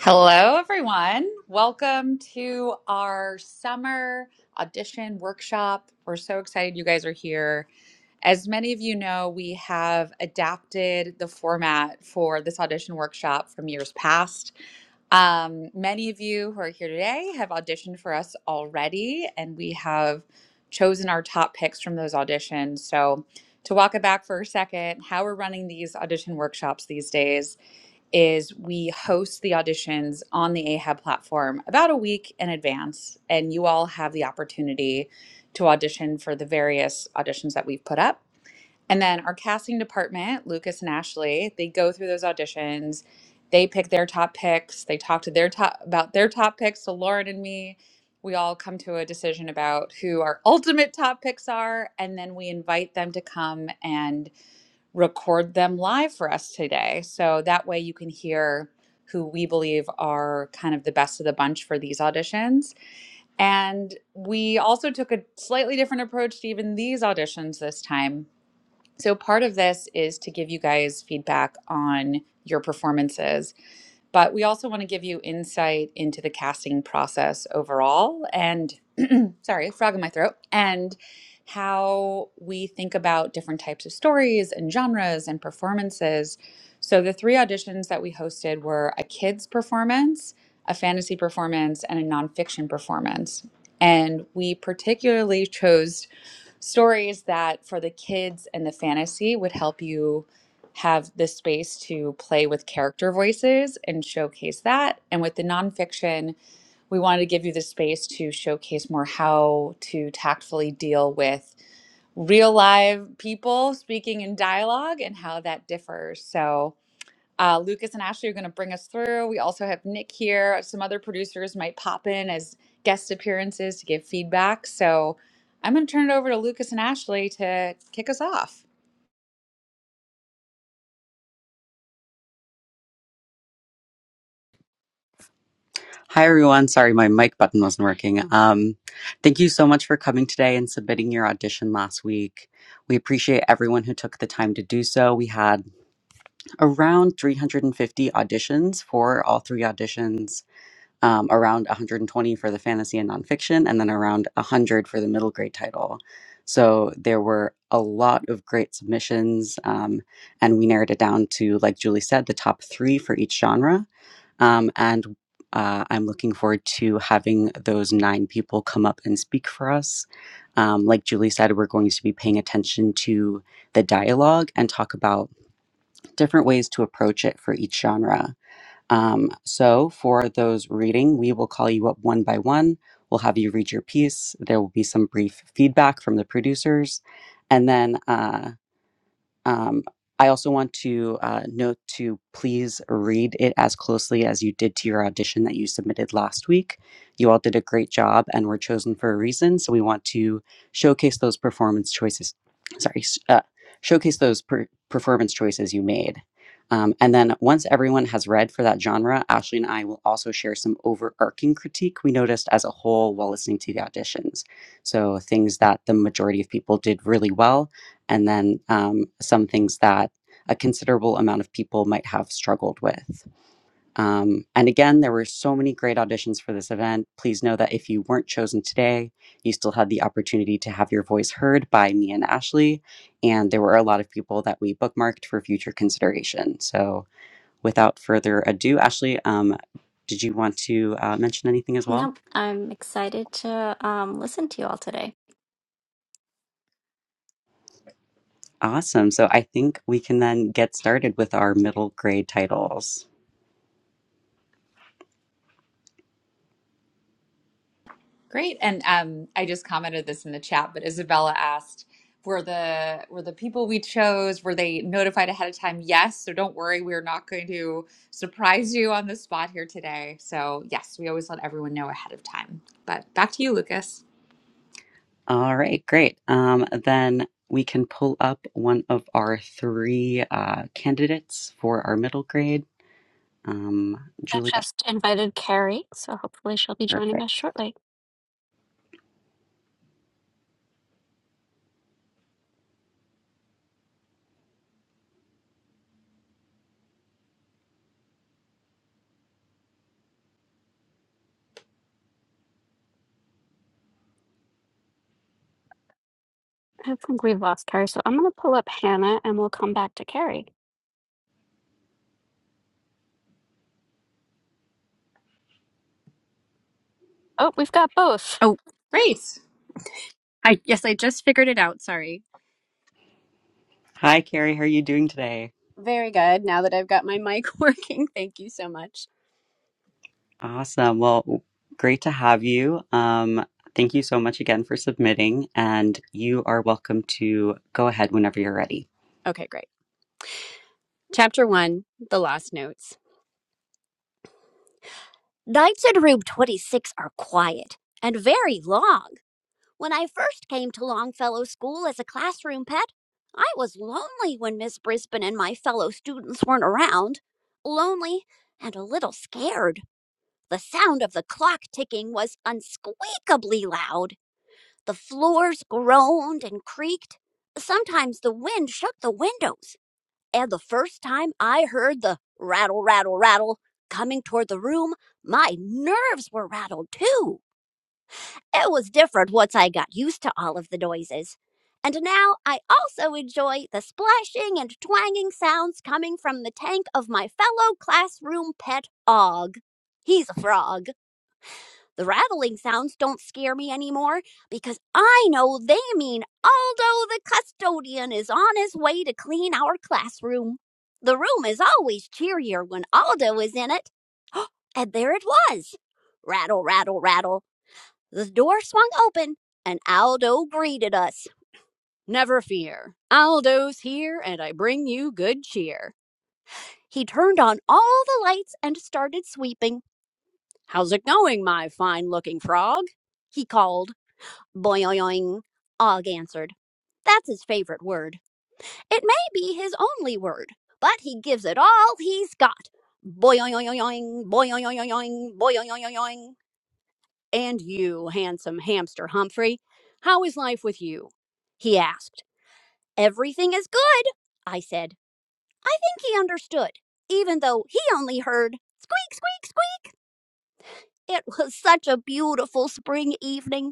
Hello, everyone. Welcome to our summer audition workshop. We're so excited you guys are here. As many of you know, we have adapted the format for this audition workshop from years past. Um, many of you who are here today have auditioned for us already, and we have chosen our top picks from those auditions. So, to walk it back for a second, how we're running these audition workshops these days is we host the auditions on the ahab platform about a week in advance and you all have the opportunity to audition for the various auditions that we've put up and then our casting department lucas and ashley they go through those auditions they pick their top picks they talk to their top about their top picks to lauren and me we all come to a decision about who our ultimate top picks are and then we invite them to come and record them live for us today. So that way you can hear who we believe are kind of the best of the bunch for these auditions. And we also took a slightly different approach to even these auditions this time. So part of this is to give you guys feedback on your performances but we also want to give you insight into the casting process overall and, sorry, frog in my throat, and how we think about different types of stories and genres and performances. So the three auditions that we hosted were a kids performance, a fantasy performance, and a nonfiction performance. And we particularly chose stories that for the kids and the fantasy would help you have the space to play with character voices and showcase that. And with the nonfiction, we wanted to give you the space to showcase more how to tactfully deal with real live people speaking in dialogue and how that differs. So, uh, Lucas and Ashley are going to bring us through. We also have Nick here. Some other producers might pop in as guest appearances to give feedback. So I'm going to turn it over to Lucas and Ashley to kick us off. Hi, everyone. Sorry, my mic button wasn't working. Um, thank you so much for coming today and submitting your audition last week. We appreciate everyone who took the time to do so. We had around 350 auditions for all three auditions, um, around 120 for the fantasy and nonfiction, and then around 100 for the middle grade title. So there were a lot of great submissions, um, and we narrowed it down to, like Julie said, the top three for each genre. Um, and uh, I'm looking forward to having those nine people come up and speak for us. Um, like Julie said, we're going to be paying attention to the dialogue and talk about different ways to approach it for each genre. Um, so, for those reading, we will call you up one by one. We'll have you read your piece. There will be some brief feedback from the producers. And then uh, um, I also want to uh, note to please read it as closely as you did to your audition that you submitted last week. You all did a great job and were chosen for a reason. So we want to showcase those performance choices. Sorry, s- uh, showcase those per- performance choices you made. Um, and then once everyone has read for that genre, Ashley and I will also share some overarching critique we noticed as a whole while listening to the auditions. So things that the majority of people did really well and then um, some things that a considerable amount of people might have struggled with. Um, and again, there were so many great auditions for this event. Please know that if you weren't chosen today, you still had the opportunity to have your voice heard by me and Ashley. And there were a lot of people that we bookmarked for future consideration. So without further ado, Ashley, um, did you want to uh, mention anything as well? Nope, I'm excited to um, listen to you all today. Awesome. So I think we can then get started with our middle grade titles. Great. And um, I just commented this in the chat, but Isabella asked, were the were the people we chose were they notified ahead of time? Yes. So don't worry, we're not going to surprise you on the spot here today. So yes, we always let everyone know ahead of time. But back to you, Lucas. All right, great. Um, then we can pull up one of our three uh, candidates for our middle grade. Um, I've Julia, just invited Carrie, so hopefully she'll be joining perfect. us shortly. I think we've lost Carrie, so I'm going to pull up Hannah and we'll come back to Carrie. Oh, we've got both. Oh, Great. I yes, I just figured it out. Sorry. Hi, Carrie. How are you doing today? Very good. Now that I've got my mic working, thank you so much. Awesome. Well, great to have you. Um, thank you so much again for submitting, and you are welcome to go ahead whenever you're ready. Okay, great. Chapter 1, The Lost Notes. Nights in room 26 are quiet and very long. When I first came to Longfellow School as a classroom pet, I was lonely when Miss Brisbane and my fellow students weren't around. Lonely and a little scared. The sound of the clock ticking was unspeakably loud. The floors groaned and creaked. Sometimes the wind shook the windows. And the first time I heard the rattle, rattle, rattle coming toward the room, my nerves were rattled too. It was different once I got used to all of the noises. And now I also enjoy the splashing and twanging sounds coming from the tank of my fellow classroom pet Og. He's a frog the rattling sounds don't scare me anymore because I know they mean Aldo the custodian is on his way to clean our classroom. The room is always cheerier when Aldo is in it. And there it was. Rattle, rattle, rattle. The door swung open and Aldo greeted us. Never fear. Aldo's here, and I bring you good cheer. He turned on all the lights and started sweeping. How's it going, my fine looking frog? He called. Boing, Og answered. That's his favorite word. It may be his only word, but he gives it all he's got. Boing, boing, boing, boing. And you, handsome hamster Humphrey, how is life with you? He asked. Everything is good, I said. I think he understood, even though he only heard squeak, squeak, squeak. It was such a beautiful spring evening.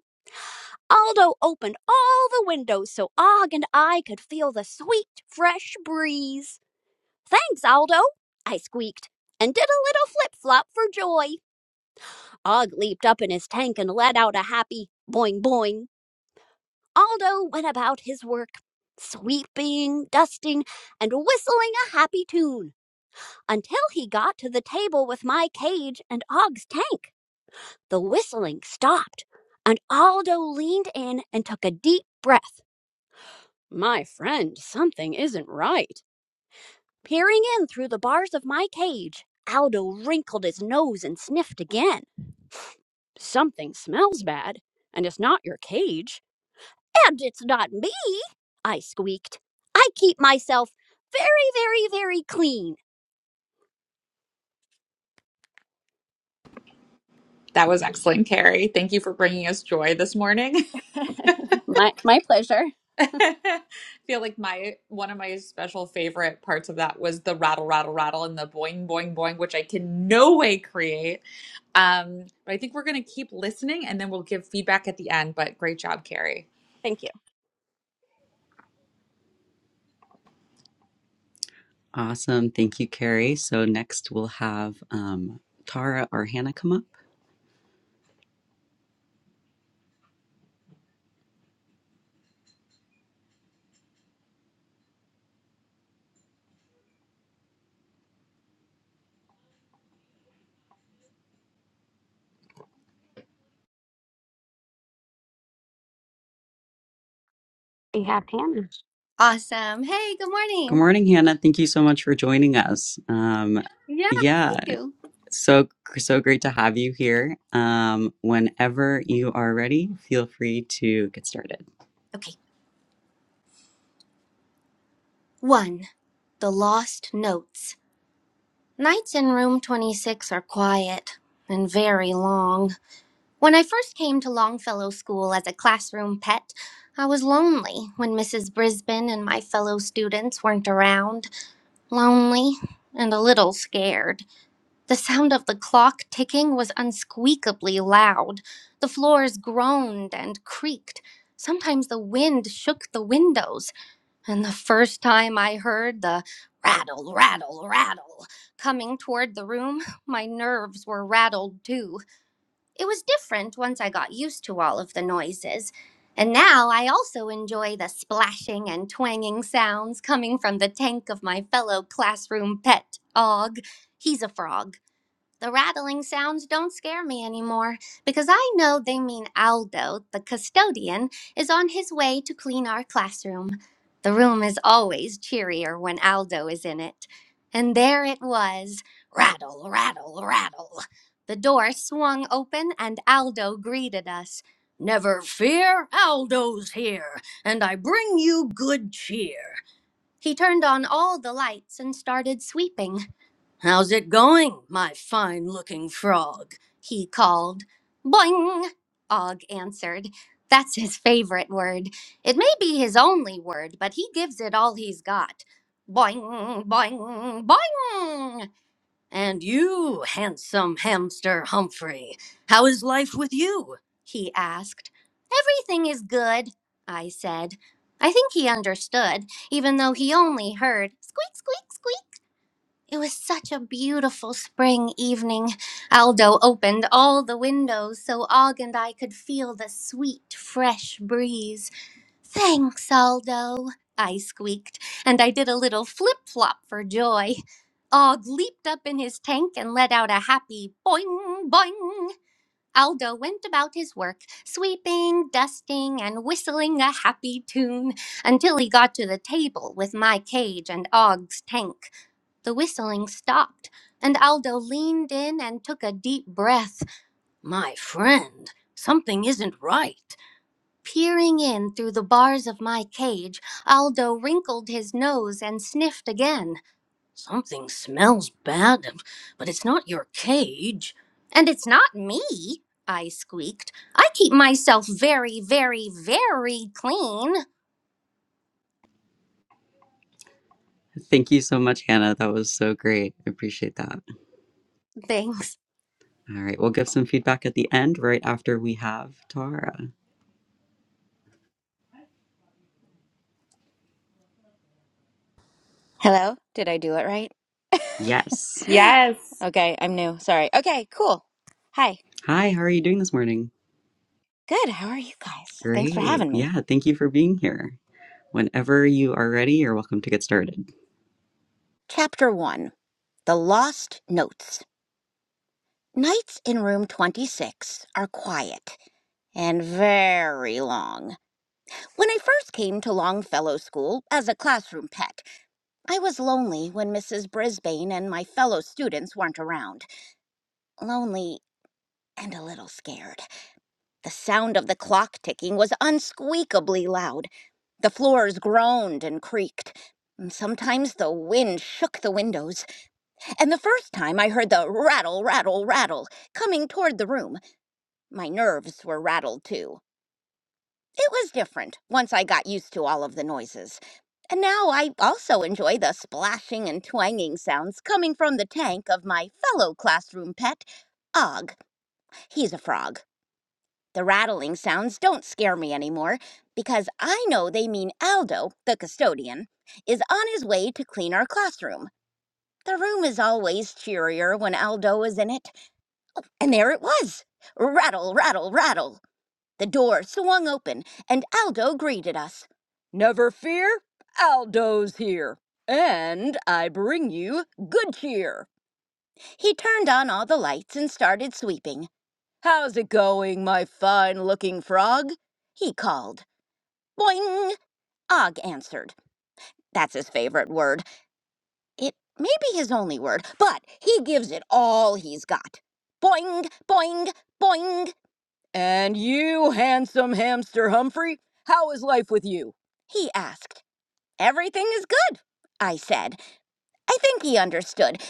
Aldo opened all the windows so Og and I could feel the sweet, fresh breeze. Thanks, Aldo, I squeaked, and did a little flip flop for joy. Og leaped up in his tank and let out a happy boing boing. Aldo went about his work, sweeping, dusting, and whistling a happy tune until he got to the table with my cage and Og's tank. The whistling stopped, and Aldo leaned in and took a deep breath. My friend, something isn't right. Peering in through the bars of my cage, Aldo wrinkled his nose and sniffed again. Something smells bad, and it's not your cage. And it's not me, I squeaked. I keep myself very, very, very clean. That was excellent, Carrie. Thank you for bringing us joy this morning. My, my pleasure. I feel like my one of my special favorite parts of that was the rattle, rattle, rattle, and the boing, boing, boing, which I can no way create. Um, but I think we're going to keep listening, and then we'll give feedback at the end. But great job, Carrie. Thank you. Awesome. Thank you, Carrie. So next we'll have um, Tara or Hannah come up. We have Hannah. Awesome. Hey, good Good morning. morning, Hannah. Thank you so much for joining us. Um, Yeah, yeah, me too. so so great to have you here. Um, whenever you are ready, feel free to get started. Okay. One, the lost notes. Nights in room 26 are quiet and very long. When I first came to Longfellow School as a classroom pet, I was lonely when Mrs. Brisbane and my fellow students weren't around. Lonely and a little scared. The sound of the clock ticking was unsqueakably loud. The floors groaned and creaked. Sometimes the wind shook the windows, and the first time I heard the rattle, rattle, rattle coming toward the room, my nerves were rattled too. It was different once I got used to all of the noises. And now I also enjoy the splashing and twanging sounds coming from the tank of my fellow classroom pet, Og. He's a frog the rattling sounds don't scare me anymore because I know they mean Aldo, the custodian, is on his way to clean our classroom. The room is always cheerier when Aldo is in it. And there it was rattle, rattle, rattle. The door swung open and Aldo greeted us. Never fear, Aldo's here, and I bring you good cheer. He turned on all the lights and started sweeping. How's it going, my fine looking frog? he called. Boing, Og answered. That's his favorite word. It may be his only word, but he gives it all he's got. Boing, boing, boing. And you, handsome hamster Humphrey, how is life with you? he asked. Everything is good, I said. I think he understood, even though he only heard squeak, squeak, squeak. It was such a beautiful spring evening. Aldo opened all the windows so Og and I could feel the sweet, fresh breeze. Thanks, Aldo, I squeaked, and I did a little flip flop for joy. Og leaped up in his tank and let out a happy boing, boing. Aldo went about his work, sweeping, dusting, and whistling a happy tune until he got to the table with my cage and Og's tank. The whistling stopped, and Aldo leaned in and took a deep breath. My friend, something isn't right. Peering in through the bars of my cage, Aldo wrinkled his nose and sniffed again. Something smells bad, but it's not your cage. And it's not me, I squeaked. I keep myself very, very, very clean. Thank you so much, Hannah. That was so great. I appreciate that. They All right, we'll give some feedback at the end, right after we have Tara. Hello? Did I do it right? Yes. Yes. okay, I'm new. Sorry. Okay, cool. Hi. Hi, how are you doing this morning? Good. How are you guys? Thanks for Great. having me. Yeah, thank you for being here. Whenever you are ready, you're welcome to get started. Chapter 1 The Lost Notes. Nights in room 26 are quiet and very long. When I first came to Longfellow School as a classroom pet, I was lonely when Mrs. Brisbane and my fellow students weren't around. Lonely and a little scared. The sound of the clock ticking was unsqueakably loud. The floors groaned and creaked. Mm, Sometimes the wind shook the windows, and the first time I heard the rattle, rattle, rattle coming toward the room, my nerves were rattled too. It was different once I got used to all of the noises. And now I also enjoy the splashing and twanging sounds coming from the tank of my fellow classroom pet, Og. He's a frog. The rattling sounds don't scare me anymore because I know they mean Aldo, the custodian, is on his way to clean our classroom. The room is always cheerier when Aldo is in it, and there it was. Rattle, rattle, rattle. The door swung open, and Aldo greeted us. Never fear, Aldo's here, and I bring you good cheer. He turned on all the lights and started sweeping. How's it going, my fine looking frog? He called. Boing! Og answered. That's his favorite word. It may be his only word, but he gives it all he's got. Boing, boing, boing. And you, handsome hamster Humphrey, how is life with you? He asked. Everything is good, I said. I think he understood,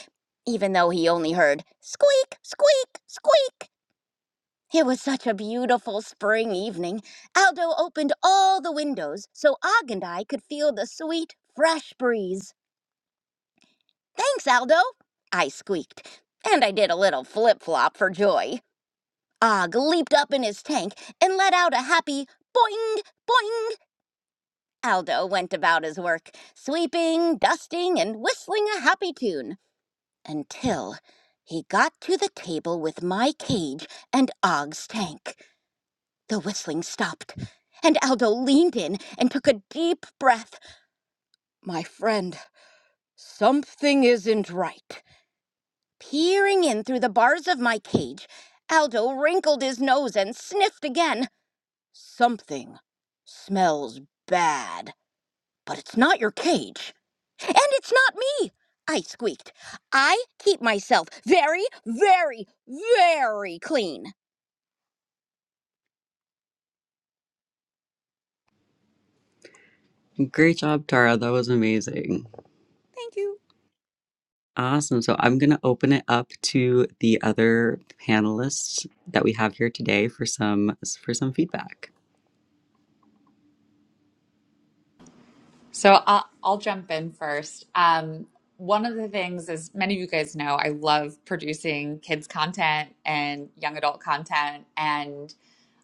even though he only heard squeak, squeak, squeak. It was such a beautiful spring evening. Aldo opened all the windows so Og and I could feel the sweet, fresh breeze. Thanks, Aldo, I squeaked, and I did a little flip flop for joy. Og leaped up in his tank and let out a happy boing, boing. Aldo went about his work, sweeping, dusting, and whistling a happy tune until he got to the table with my cage and Og's tank. The whistling stopped, and Aldo leaned in and took a deep breath. My friend, something isn't right. Peering in through the bars of my cage, Aldo wrinkled his nose and sniffed again. Something smells bad, but it's not your cage. And it's not me! I squeaked. I keep myself very, very, very clean. Great job, Tara. That was amazing. Thank you. Awesome. So I'm going to open it up to the other panelists that we have here today for some for some feedback. So I'll, I'll jump in first. Um, one of the things, as many of you guys know, I love producing kids' content and young adult content. and.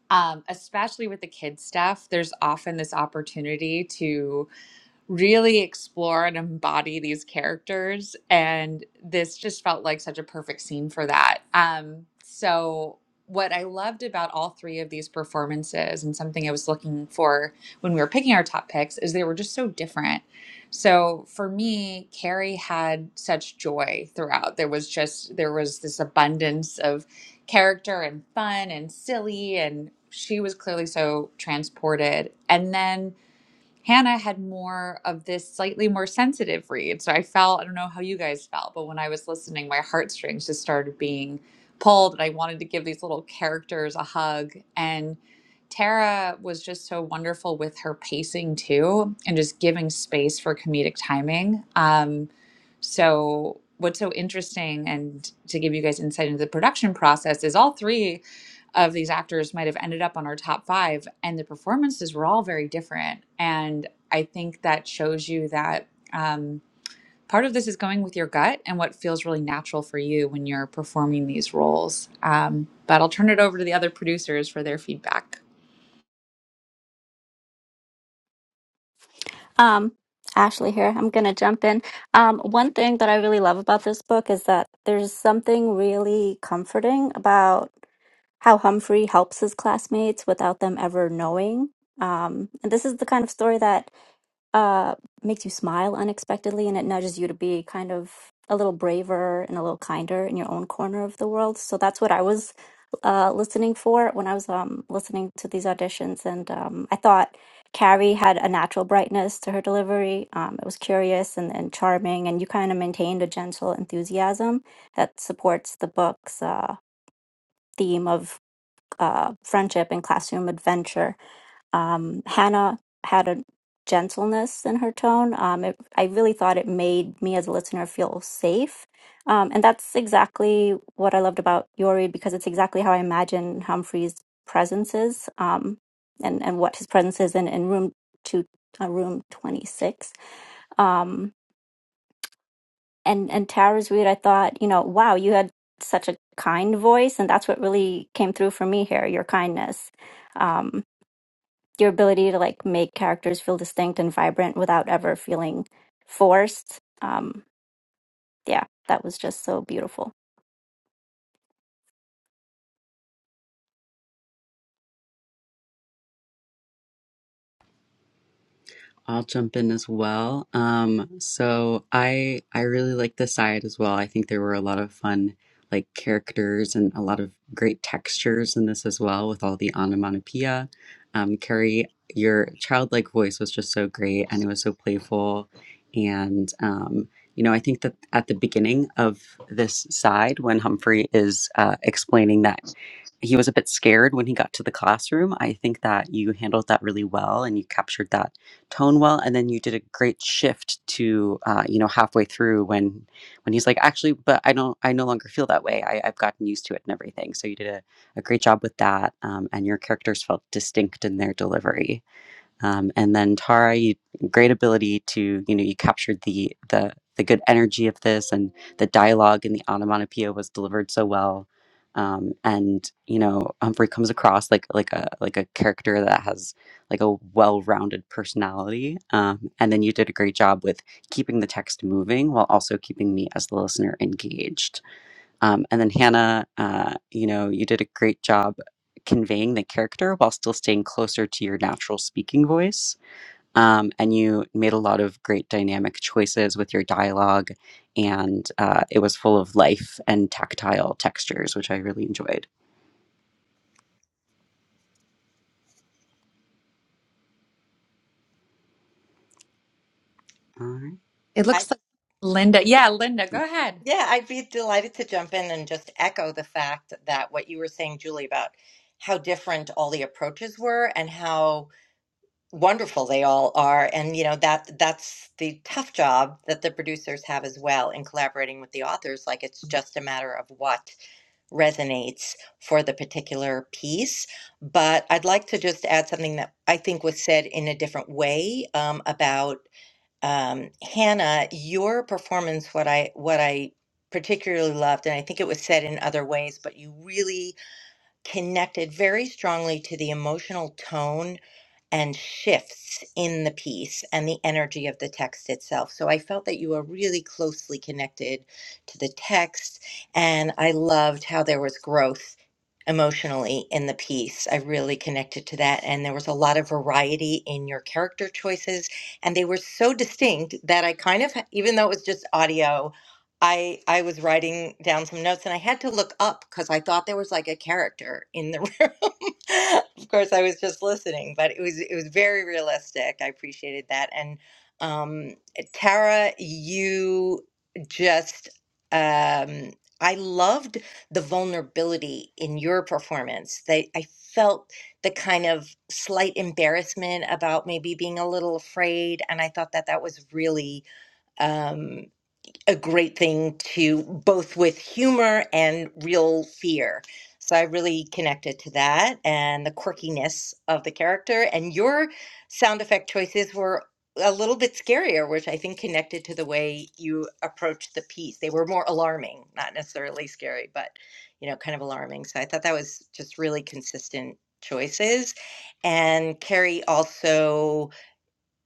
um, especially with the kids stuff there's often this opportunity to really explore and embody these characters. And this just felt like such a perfect scene for that. Um, so, what I loved about all three of these performances, and something I was looking for when we were picking our top picks, is they were just so different. So for me, Carrie had such joy throughout. There was just, there was this abundance of character and fun and silly, and she was clearly so transported. And then Hannah had more of this slightly more sensitive read. So I felt, I don't know how you guys felt, but when I was listening, my heartstrings just started being pulled and I wanted to give these little characters a hug. And Tara was just so wonderful with her pacing too and just giving space for comedic timing. Um, so, what's so interesting and to give you guys insight into the production process is all three of these actors might have ended up on our top five, and the performances were all very different. And I think that shows you that um, part of this is going with your gut and what feels really natural for you when you're performing these roles. Um, but I'll turn it over to the other producers for their feedback. Um, Ashley here. I'm gonna jump in. Um, one thing that I really love about this book is that there's something really comforting about how Humphrey helps his classmates without them ever knowing. Um, and this is the kind of story that uh, makes you smile unexpectedly and it nudges you to be kind of a little braver and a little kinder in your own corner of the world. So that's what I was uh, listening for when I was um, listening to these auditions. And um, I thought Carrie had a natural brightness to her delivery. Um, it was curious and, and charming, and you kind of maintained a gentle enthusiasm that supports the book's uh, theme of uh, friendship and classroom adventure um, Hannah had a gentleness in her tone. Um, it, I really thought it made me as a listener feel safe. Um, and that's exactly what I loved about your read because it's exactly how I imagine Humphrey's presence is um, and, and what his presence is in, in room two, uh, room 26 um and and tara's read i thought you know wow you had such a kind voice and that's what really came through for me here your kindness Um, your ability to like make characters feel distinct and vibrant without ever feeling forced. Um, yeah, that was just so beautiful. I'll jump in as well. Um, so I I really like the side as well. I think there were a lot of fun like characters and a lot of great textures in this as well with all the onomatopoeia. Um, Carrie, your childlike voice was just so great and it was so playful. And um, you know, I think that at the beginning of this side, when Humphrey is uh, explaining that he was a bit scared when he got to the classroom. I think that you handled that really well and you captured that tone well. And then you did a great shift to, uh, you know, halfway through when, when he's like, actually, but I don't, I no longer feel that way. I, I've gotten used to it and everything. So you did a, a great job with that. Um, and your characters felt distinct in their delivery. Um, and then Tara, you great ability to you know you captured the the the good energy of this, and the dialogue and the onomatopoeia was delivered so well. Um, and you know Humphrey comes across like like a like a character that has like a well-rounded personality. Um, and then you did a great job with keeping the text moving while also keeping me as the listener engaged. Um, and then Hannah, uh, you know, you did a great job conveying the character while still staying closer to your natural speaking voice. Um, and you made a lot of great dynamic choices with your dialogue, and uh, it was full of life and tactile textures, which I really enjoyed. All right. It I, looks like Linda. Yeah, Linda, go ahead. yeah, I'd be delighted to jump in and just echo the fact that what you were saying, Julie, about how different all the approaches were and how wonderful they all are. And, you know, that that's the tough job that the producers have as well in collaborating with the authors. Like it's just a matter of what resonates for the particular piece. But I'd like to just add something that I think was said in a different way um, about um, Hannah, your performance, what I what I particularly loved, and I think it was said in other ways, but you really connected very strongly to the emotional tone and shifts in the piece and the energy of the text itself. So I felt that you were really closely connected to the text, and I loved how there was growth emotionally in the piece. I really connected to that, and there was a lot of variety in your character choices, and they were so distinct that I kind of, even though it was just audio. I I was writing down some notes and I had to look up because I thought there was like a character in the room. of course, I was just listening, but it was it was very realistic. I appreciated that. And um, Tara, you just um, I loved the vulnerability in your performance. They I felt the kind of slight embarrassment about maybe being a little afraid, and I thought that that was really. um, a great thing to both with humor and real fear. So I really connected to that and the quirkiness of the character. And your sound effect choices were a little bit scarier, which I think connected to the way you approached the piece. They were more alarming, not necessarily scary, but you know, kind of alarming. So I thought that was just really consistent choices. And Carrie also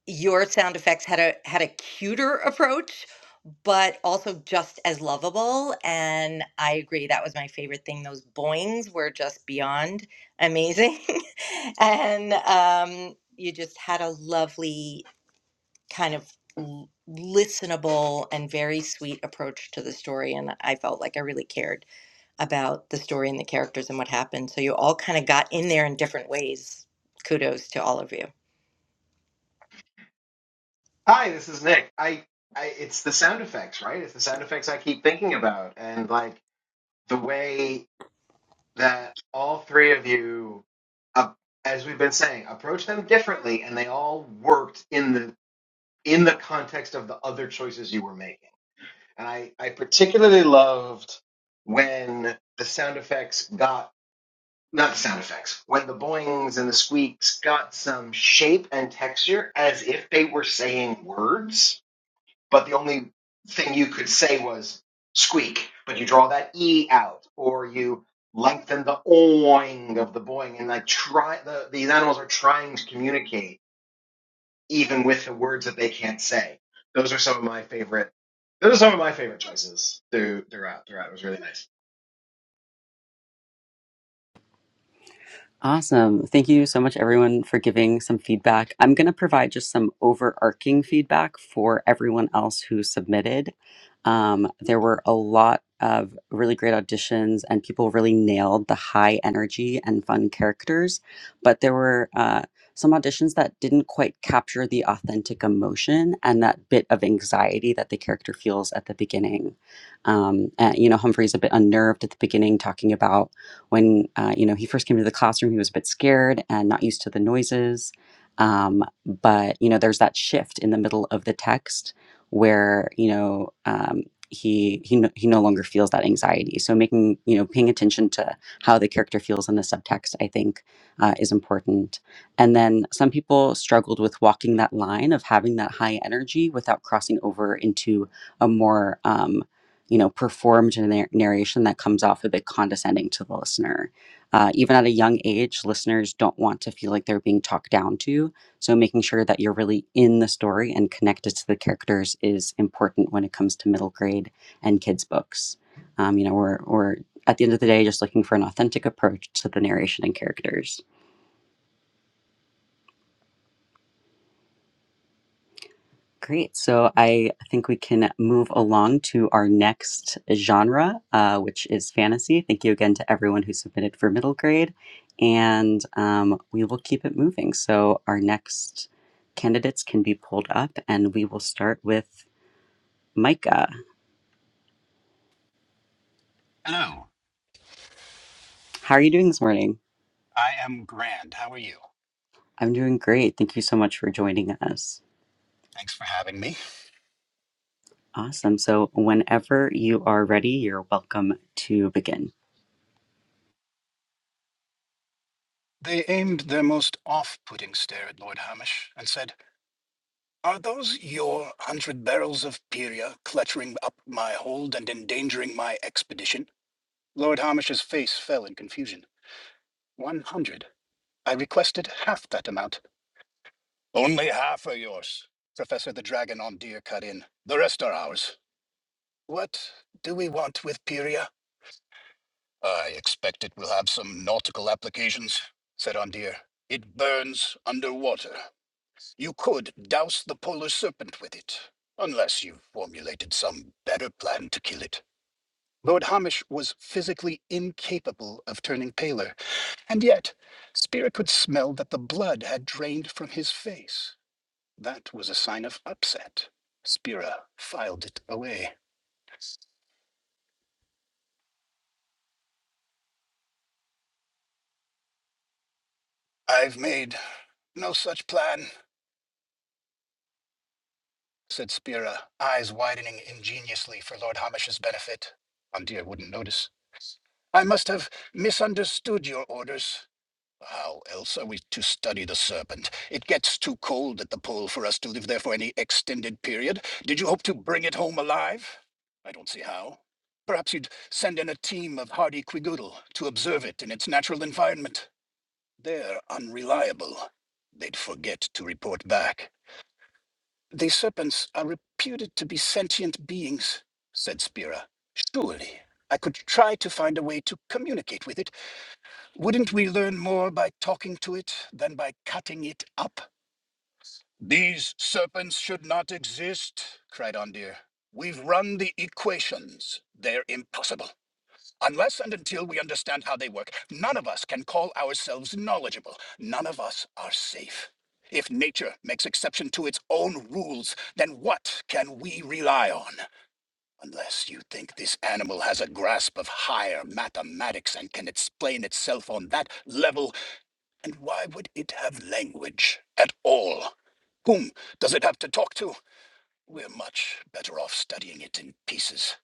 your sound effects had a had a cuter approach but also just as lovable and i agree that was my favorite thing those boings were just beyond amazing and um, you just had a lovely kind of l- listenable and very sweet approach to the story and i felt like i really cared about the story and the characters and what happened so you all kind of got in there in different ways kudos to all of you Hi, this is Nick. I, I, it's the sound effects, right? It's the sound effects I keep thinking about, and like the way that all three of you, uh, as we've been saying, approach them differently, and they all worked in the in the context of the other choices you were making. And I, I particularly loved when the sound effects got not the sound effects when the boings and the squeaks got some shape and texture as if they were saying words but the only thing you could say was squeak, but you draw that e out, or you lengthen the oing of the boing, and like try the these animals are trying to communicate even with the words that they can't say. Those are some of my favorite. Those are some of my favorite choices through, throughout. Throughout, it was really nice. Awesome. Thank you so much, everyone, for giving some feedback. I'm going to provide just some overarching feedback for everyone else who submitted. Um, there were a lot of really great auditions, and people really nailed the high energy and fun characters. But there were uh, some auditions that didn't quite capture the authentic emotion and that bit of anxiety that the character feels at the beginning. Um, and, you know, Humphrey's a bit unnerved at the beginning, talking about when uh, you know he first came to the classroom he was a bit scared and not used to the noises um, but you know there's that shift in the middle of the text where you know um, he he no, he no longer feels that anxiety so making you know paying attention to how the character feels in the subtext i think uh, is important and then some people struggled with walking that line of having that high energy without crossing over into a more um, you know, performed in a narration that comes off a bit condescending to the listener. Uh, even at a young age, listeners don't want to feel like they're being talked down to. So, making sure that you're really in the story and connected to the characters is important when it comes to middle grade and kids' books. Um, you know, we're, we're at the end of the day just looking for an authentic approach to the narration and characters. Great. So I think we can move along to our next genre, uh, which is fantasy. Thank you again to everyone who submitted for middle grade. And um, we will keep it moving. So our next candidates can be pulled up, and we will start with Micah. Hello, How are you doing this morning? I am Grand. How are you? I'm doing great. Thank you so much for joining us. Thanks for having me. Awesome. So whenever you are ready, you're welcome to begin. They aimed their most off putting stare at Lord Hamish and said, Are those your hundred barrels of Pyria cluttering up my hold and endangering my expedition? Lord Hamish's face fell in confusion. One hundred. I requested half that amount. Only half are yours, Professor the Dragon on Deer cut in. The rest are ours. What do we want with Pyria? I expect it will have some nautical applications, said Andir. It burns underwater. You could douse the polar serpent with it, unless you formulated some better plan to kill it. Lord Hamish was physically incapable of turning paler, and yet Spear could smell that the blood had drained from his face. That was a sign of upset. Spira filed it away. I've made no such plan, said Spira, eyes widening ingeniously for Lord Hamish's benefit. Andir wouldn't notice. I must have misunderstood your orders. How else are we to study the serpent? It gets too cold at the pole for us to live there for any extended period. Did you hope to bring it home alive? I don't see how. Perhaps you'd send in a team of hardy quigoodle to observe it in its natural environment. They're unreliable. They'd forget to report back. The serpents are reputed to be sentient beings, said Spira. Surely I could try to find a way to communicate with it. Wouldn't we learn more by talking to it than by cutting it up? These serpents should not exist, cried Ondir. We've run the equations. They're impossible. Unless and until we understand how they work, none of us can call ourselves knowledgeable. None of us are safe. If nature makes exception to its own rules, then what can we rely on? Unless you think this animal has a grasp of higher mathematics and can explain itself on that level, and why would it have language at all? Whom does it have to talk to? We're much better off studying it in pieces.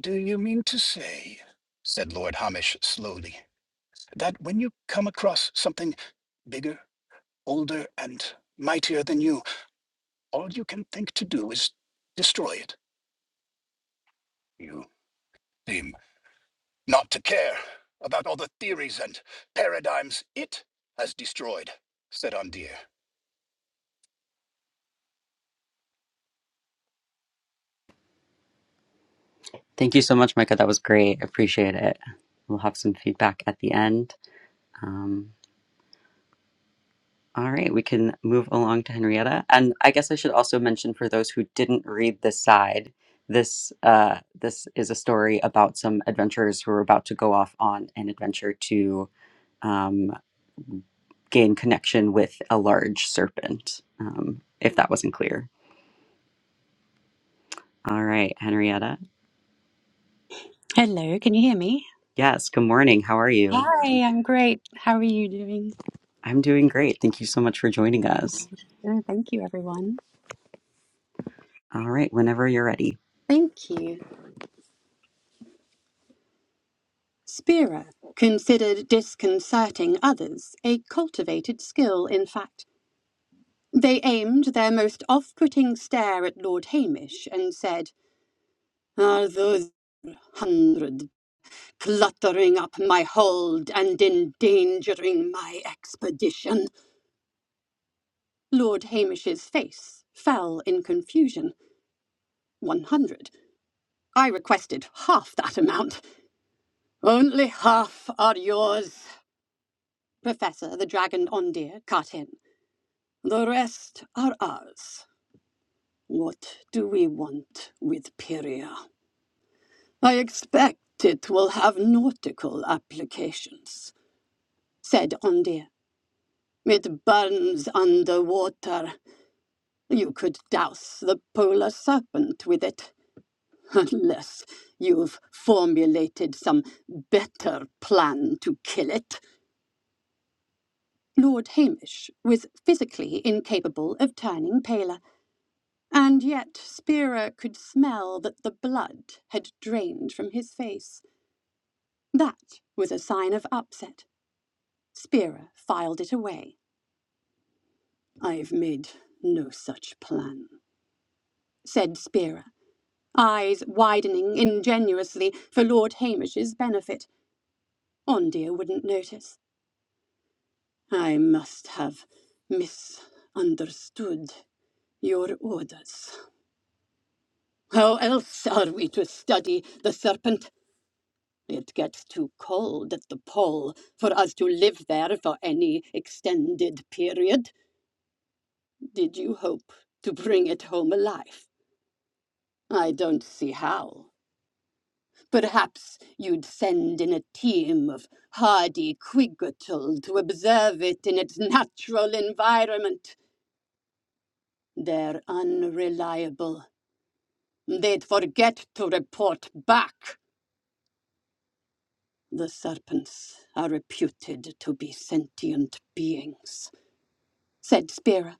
Do you mean to say, said Lord Hamish slowly, that when you come across something bigger, older, and mightier than you, all you can think to do is destroy it. You seem not to care about all the theories and paradigms it has destroyed, said Andir. Thank you so much, Micah. That was great. Appreciate it. We'll have some feedback at the end. Um, all right, we can move along to Henrietta. And I guess I should also mention for those who didn't read this side, this uh, this is a story about some adventurers who are about to go off on an adventure to um, gain connection with a large serpent. Um, if that wasn't clear. All right, Henrietta. Hello, can you hear me? Yes. Good morning. How are you? Hi, I'm great. How are you doing? I'm doing great. Thank you so much for joining us. Oh, thank you, everyone. All right, whenever you're ready. Thank you. Spira, considered disconcerting others, a cultivated skill, in fact. They aimed their most off putting stare at Lord Hamish and said, Are those hundred cluttering up my hold and endangering my expedition? Lord Hamish's face fell in confusion. 100. I requested half that amount. Only half are yours, Professor the Dragon Ondir cut in. The rest are ours. What do we want with Pyria? I expect it will have nautical applications, said Ondir. It burns underwater. You could douse the polar serpent with it, unless you've formulated some better plan to kill it. Lord Hamish was physically incapable of turning paler, and yet Spira could smell that the blood had drained from his face. That was a sign of upset. Spira filed it away. I've made no such plan, said Spira, eyes widening ingenuously for Lord Hamish's benefit. Ondia wouldn't notice. I must have misunderstood your orders. How else are we to study the serpent? It gets too cold at the pole for us to live there for any extended period. Did you hope to bring it home alive? I don't see how. Perhaps you'd send in a team of hardy quiggertal to observe it in its natural environment. They're unreliable. They'd forget to report back. The serpents are reputed to be sentient beings, said Spira.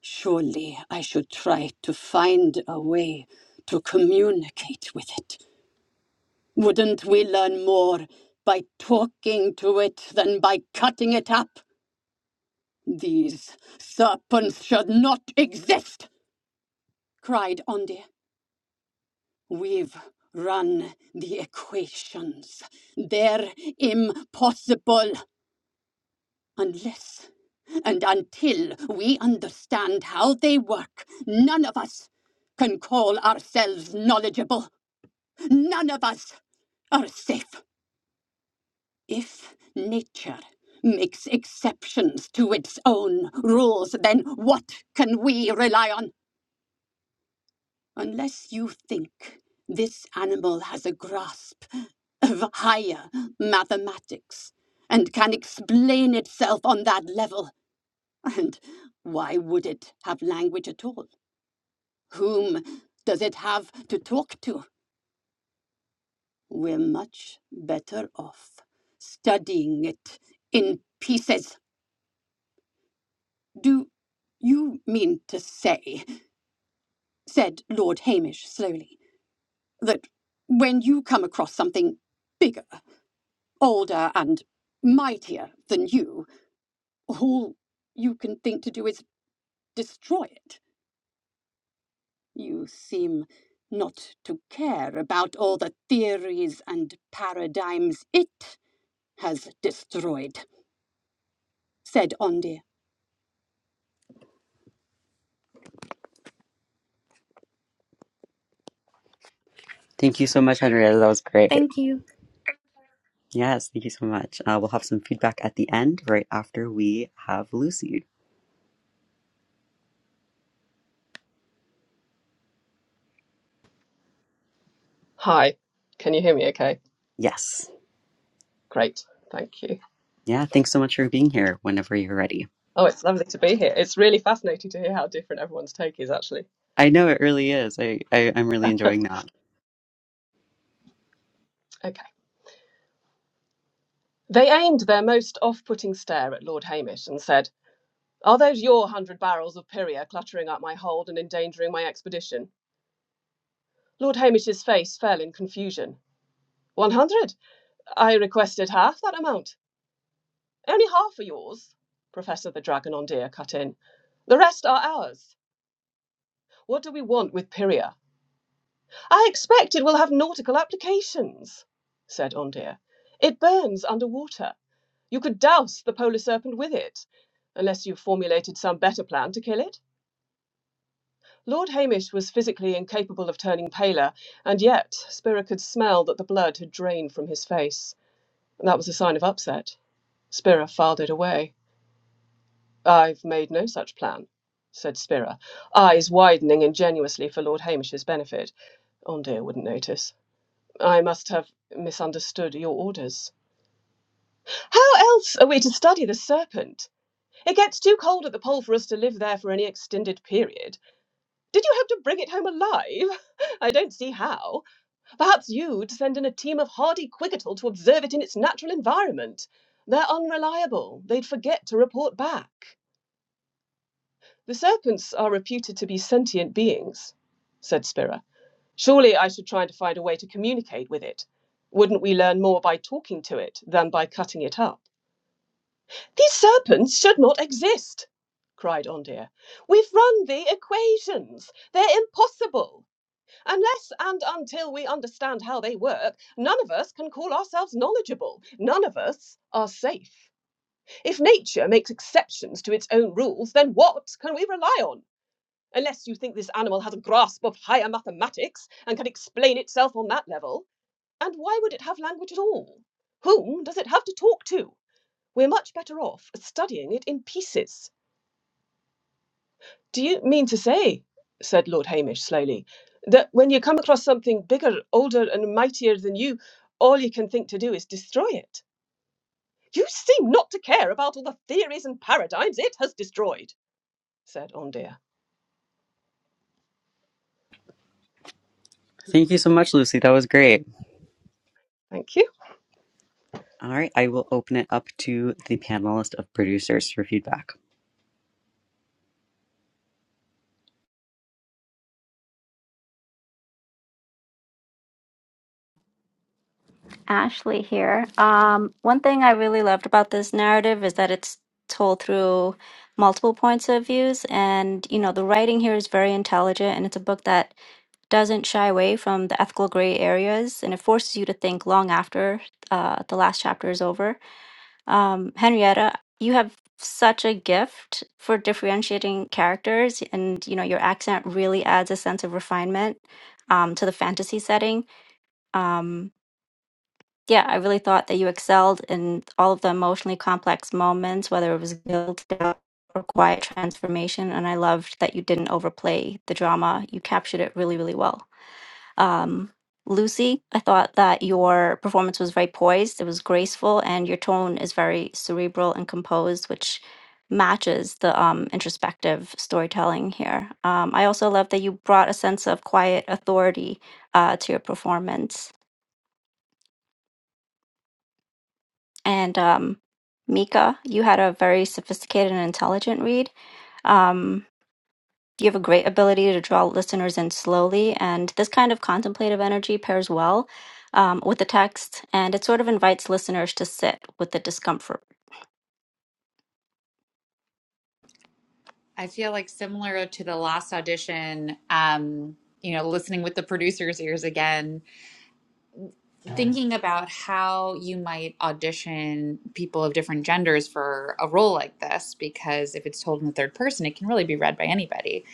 Surely I should try to find a way to communicate with it. Wouldn't we learn more by talking to it than by cutting it up? These serpents should not exist, cried Ondir. We've run the equations. They're impossible. Unless and until we understand how they work, none of us can call ourselves knowledgeable. None of us are safe. If nature makes exceptions to its own rules, then what can we rely on? Unless you think this animal has a grasp of higher mathematics and can explain itself on that level, And why would it have language at all? Whom does it have to talk to? We're much better off studying it in pieces. Do you mean to say, said Lord Hamish slowly, that when you come across something bigger, older, and mightier than you, all you can think to do is destroy it? You seem not to care about all the theories and paradigms it has destroyed, said Ondi. Thank you so much, Henrietta. That was great. Yes, thank you so much. Uh, we'll have some feedback at the end, right after we have Lucy. Hi, can you hear me okay? Yes. Great, thank you. Yeah, thanks so much for being here whenever you're ready. Oh, it's lovely to be here. It's really fascinating to hear how different everyone's take is, actually. I know it really is. I, I, I'm really enjoying that. Okay. They aimed their most off putting stare at Lord Hamish and said, Are those your hundred barrels of Pyria cluttering up my hold and endangering my expedition? Lord Hamish's face fell in confusion. One hundred? I requested half that amount. Only half are yours, Professor the Dragon on Deer cut in. The rest are ours. What do we want with Pyria? I expect it will have nautical applications, said Ondine. It burns under water. You could douse the polar serpent with it, unless you formulated some better plan to kill it. Lord Hamish was physically incapable of turning paler, and yet Spira could smell that the blood had drained from his face. That was a sign of upset. Spira filed it away. I've made no such plan, said Spira, eyes widening ingenuously for Lord Hamish's benefit. Ondine wouldn't notice. I must have misunderstood your orders. How else are we to study the serpent? It gets too cold at the pole for us to live there for any extended period. Did you hope to bring it home alive? I don't see how. Perhaps you'd send in a team of hardy quiggertle to observe it in its natural environment. They're unreliable. They'd forget to report back. The serpents are reputed to be sentient beings, said Spira. Surely I should try to find a way to communicate with it. Wouldn't we learn more by talking to it than by cutting it up? These serpents should not exist, cried Ondir. We've run the equations. They're impossible. Unless and until we understand how they work, none of us can call ourselves knowledgeable. None of us are safe. If nature makes exceptions to its own rules, then what can we rely on? Unless you think this animal has a grasp of higher mathematics and can explain itself on that level. And why would it have language at all? Whom does it have to talk to? We're much better off studying it in pieces." "Do you mean to say," said Lord Hamish slowly, "that when you come across something bigger, older, and mightier than you, all you can think to do is destroy it?" "You seem not to care about all the theories and paradigms it has destroyed," said Andrea. Thank you so much, Lucy. That was great. "Thank you. All right, I will open it up to the panelist of producers for feedback. Ashley here. Um, one thing I really loved about this narrative is that it's told through multiple points of views and you know the writing here is very intelligent and it's a book that doesn't shy away from the ethical gray areas and it forces you to think long after uh, the last chapter is over Um, Henrietta, you have such a gift for differentiating characters, and you know your accent really adds a sense of refinement um, to the fantasy setting. Um, yeah, I really thought that you excelled in all of the emotionally complex moments, whether it was guilt, doubt, or quiet transformation. And I loved that you didn't overplay the drama; you captured it really, really well. Um, Lucy, I thought that your performance was very poised, it was graceful, and your tone is very cerebral and composed, which matches the um, introspective storytelling here. Um, I also love that you brought a sense of quiet authority uh, to your performance. And um, Mika, you had a very sophisticated and intelligent read. Um, you have a great ability to draw listeners in slowly and this kind of contemplative energy pairs well um, with the text and it sort of invites listeners to sit with the discomfort I feel like similar to the last audition, um, you know, listening with the producer's ears again thinking about how you might audition people of different genders for a role like this because if it's told in the third person it can really be read by anybody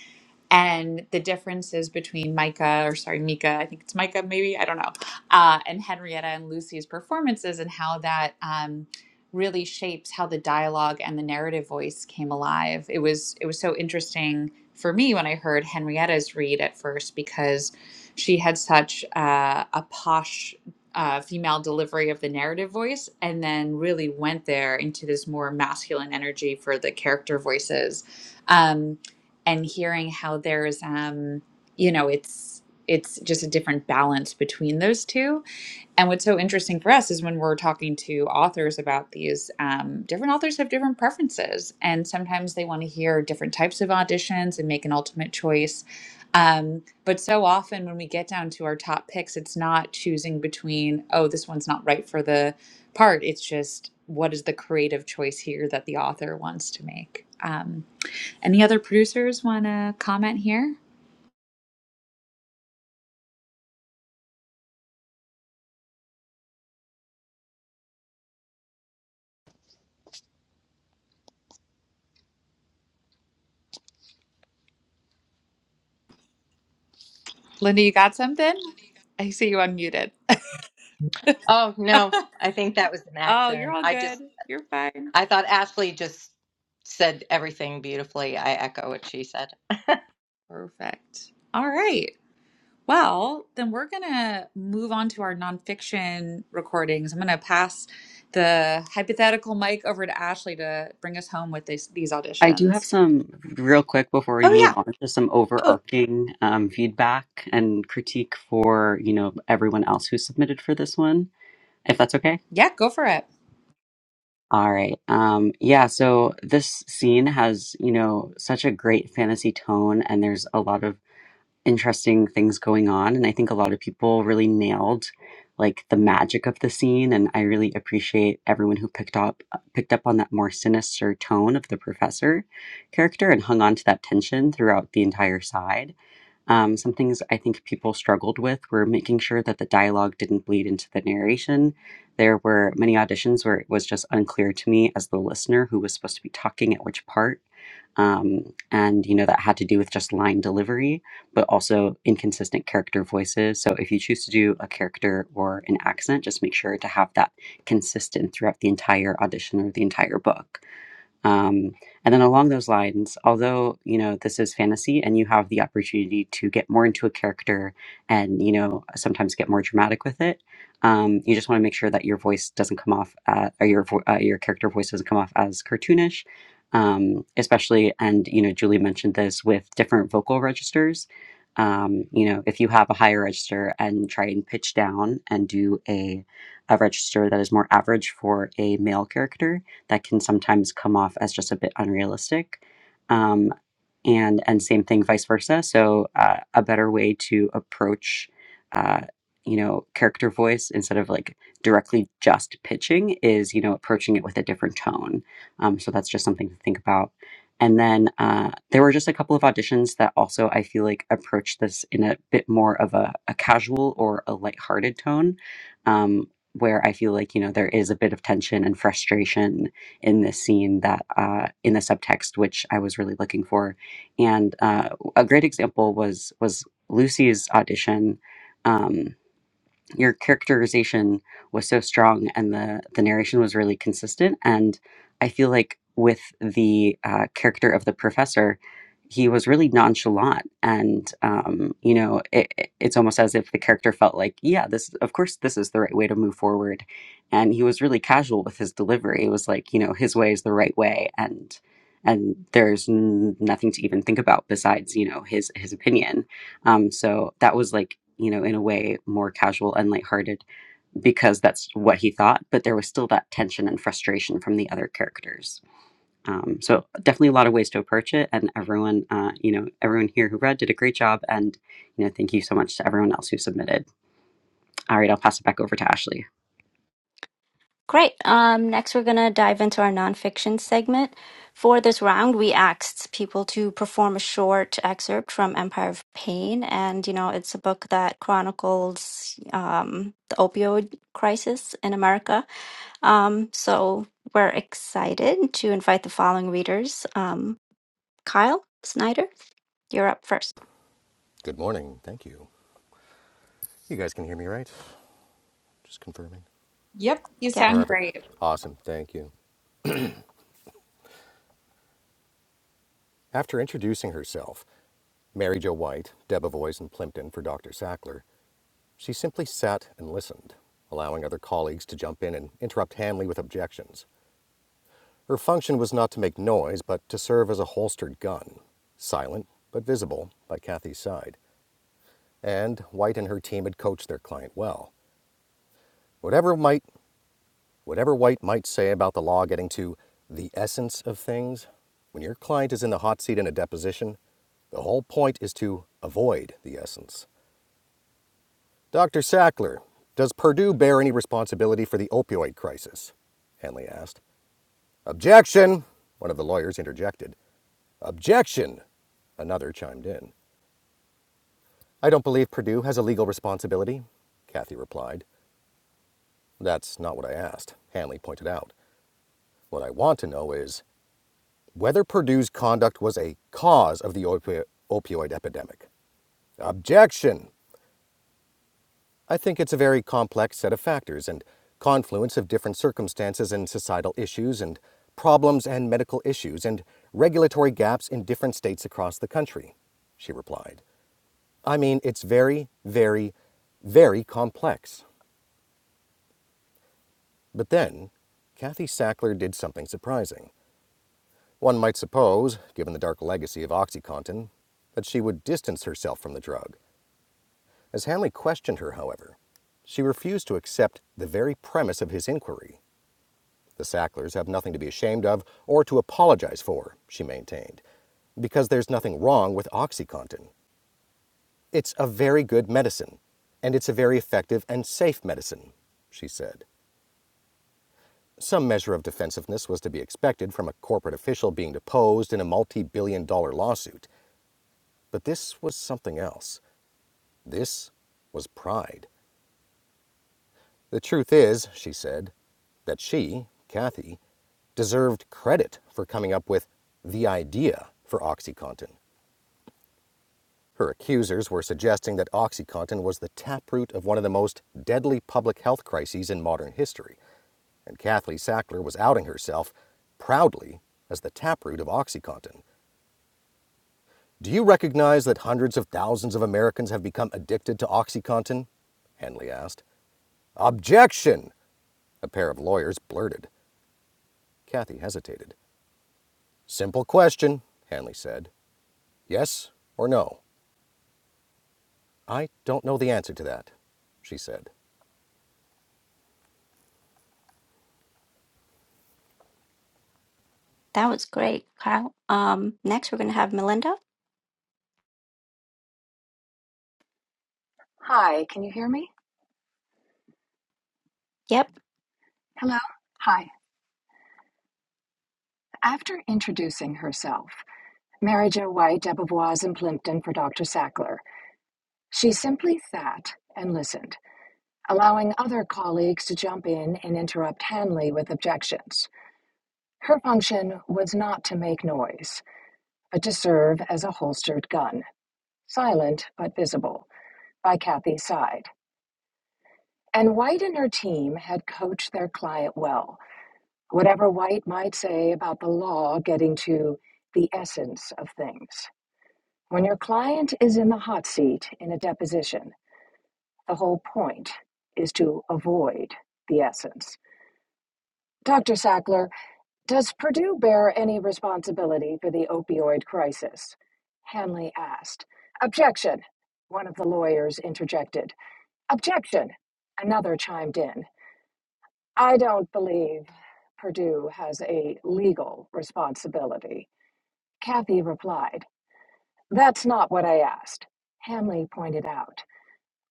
and the differences between Micah, or sorry, Mika, I think it's Micah, maybe, I don't know, uh, and Henrietta and Lucy's performances, and how that um, really shapes how the dialogue and the narrative voice came alive. It was it was so interesting for me when I heard Henrietta's read at first because she had such uh, a posh. Uh, female delivery of the narrative voice, and then really went there into this more masculine energy for the character voices. Um, and hearing how there's um you know it's it's just a different balance between those two and what's so interesting for us is when we're talking to authors about these um, different authors have different preferences and sometimes they want to hear different types of auditions and make an ultimate choice um, but so often when we get down to our top picks it's not choosing between oh this one's not right for the part it's just what is the creative choice here that the author wants to make Um, any other producers want to comment here? Linda, you got something? I see you unmuted. Oh no, I think that was an oh, you're accident. all I just good. You're fine. I thought Ashley just said everything beautifully. I echo what she said. Perfect. All right. Well, then we're going to move on to our nonfiction recordings. I'm going to pass the hypothetical mic over to Ashley to bring us home with this, these I do have auditions. some real quick before we Oh, move yeah. on to some Oh, overarching um, feedback and critique for you know everyone else who submitted for this one, if that's okay. yeah. Go for it. All right. Um, yeah, so this scene has, you know, such a great fantasy tone, and there's a lot of interesting things going on. And I think a lot of people really nailed like the magic of the scene. And I really appreciate everyone who picked up uh, picked up on that more sinister tone of the professor character and hung on to that tension throughout the entire side. Um, some things I think people struggled with were making sure that the dialogue didn't bleed into the narration. There were many auditions where it was just unclear to me as the listener who was supposed to be talking at which part. Um, and, you know, that had to do with just line delivery, but also inconsistent character voices. So if you choose to do a character or an accent, just make sure to have that consistent throughout the entire audition or the entire book. Um, and then along those lines, although you know this is fantasy and you have the opportunity to get more into a character and you know sometimes get more dramatic with it, um, you just want to make sure that your voice doesn't come off uh, or your vo- uh, your character voice doesn't come off as cartoonish, um, especially and you know Julie mentioned this with different vocal registers. Um, you know, if you have a higher register and try and pitch down and do a, a register that is more average for a male character, that can sometimes come off as just a bit unrealistic. Um, and and same thing vice versa so uh, a better way to approach uh, you know character voice instead of like directly just pitching is you know approaching it with a different tone um, so that's just something to think about and then uh, there were just a couple of auditions that also I feel like approached this in a bit more of a, a casual or a lighthearted tone, um, where I feel like, you know, there is a bit of tension and frustration in this scene that uh, in the subtext, which I was really looking for and uh, a great example was was Lucy's audition. Um, your characterization was so strong and the the narration was really consistent and i feel like with the uh, character of the professor he was really nonchalant and um, you know it, it- it's almost as if the character felt like yeah this of course this is the right way to move forward and he was really casual with his delivery it was like you know his way is the right way and and there's n- nothing to even think about besides you know his his opinion um, so that was like, you know, in a way more casual and lighthearted because that's what he thought, but there was still that tension and frustration from the other characters. Um, so definitely a lot of ways to approach it, and everyone, uh, you know, everyone here who read did a great job, and you know, thank you so much to everyone else who submitted. All right, I'll pass it back over to Ashley. great um, next we're going to dive into our nonfiction segment for this round we asked people to perform a short excerpt from empire of pain and you know it's a book that chronicles um, the opioid crisis in america um, so we're excited to invite the following readers. Um, Kyle Snyder, you're up first. Good morning. Thank you. You guys can hear me right? Just confirming. Yep. You Yeah, sound Perfect. great. Awesome. Thank you. After introducing herself, Mary Jo White, Debevoise and Plimpton for Dr. Sackler, she simply sat and listened, allowing other colleagues to jump in and interrupt Hanley with objections. Her function was not to make noise, but to serve as a holstered gun, silent but visible by Kathy's side. And White and her team had coached their client well. Whatever might Whatever White might say about the law getting to the essence of things, when your client is in the hot seat in a deposition, the whole point is to avoid the essence. Dr. Sackler, does Purdue bear any responsibility for the opioid crisis? Hanley asked. Objection, one of the lawyers interjected. Objection, another chimed in. I don't believe Purdue has a legal responsibility, Kathy replied. That's not what I asked, Hanley pointed out. What I want to know is whether Purdue's conduct was a cause of the opi- opioid epidemic. Objection! I think it's a very complex set of factors and confluence of different circumstances and societal issues and problems and medical issues and regulatory gaps in different states across the country, she replied. I mean, it's very, very, very complex. But then, Kathy Sackler did something surprising. One might suppose, given the dark legacy of OxyContin, that she would distance herself from the drug. As Hanley questioned her, however, she refused to accept the very premise of his inquiry. The Sacklers have nothing to be ashamed of or to apologize for, she maintained, because there's nothing wrong with OxyContin. It's a very good medicine, and it's a very effective and safe medicine, she said. Some measure of defensiveness was to be expected from a corporate official being deposed in a multi billion dollar lawsuit, But this was something else. This was pride. The truth is, she said, that she, Kathy, deserved credit for coming up with the idea for OxyContin. Her accusers were suggesting that OxyContin was the taproot of one of the most deadly public health crises in modern history, and Kathleen Sackler was outing herself proudly as the taproot of OxyContin. Do you recognize that hundreds of thousands of Americans have become addicted to OxyContin? Henley asked. Objection! A pair of lawyers blurted. Kathy hesitated. Simple question, Hanley said. Yes or no? I don't know the answer to that, she said. that was great, Kyle. Um, next we're gonna have Melinda. Hi, can you hear me? Yep, Hello? Hi. After introducing herself, Marija White Debevoise and Plimpton for Dr. Sackler, she simply sat and listened, allowing other colleagues to jump in and interrupt Hanley with objections. Her function was not to make noise, but to serve as a holstered gun, silent but visible, by Kathy's side. And White and her team had coached their client well. whatever White might say about the law getting to the essence of things. When your client is in the hot seat in a deposition, the whole point is to avoid the essence. Dr. Sackler, does Purdue bear any responsibility for the opioid crisis? Hanley asked. Objection, one of the lawyers interjected. Objection, another chimed in. I don't believe Purdue has a legal responsibility. Kathy replied, That's not what I asked. Hanley pointed out,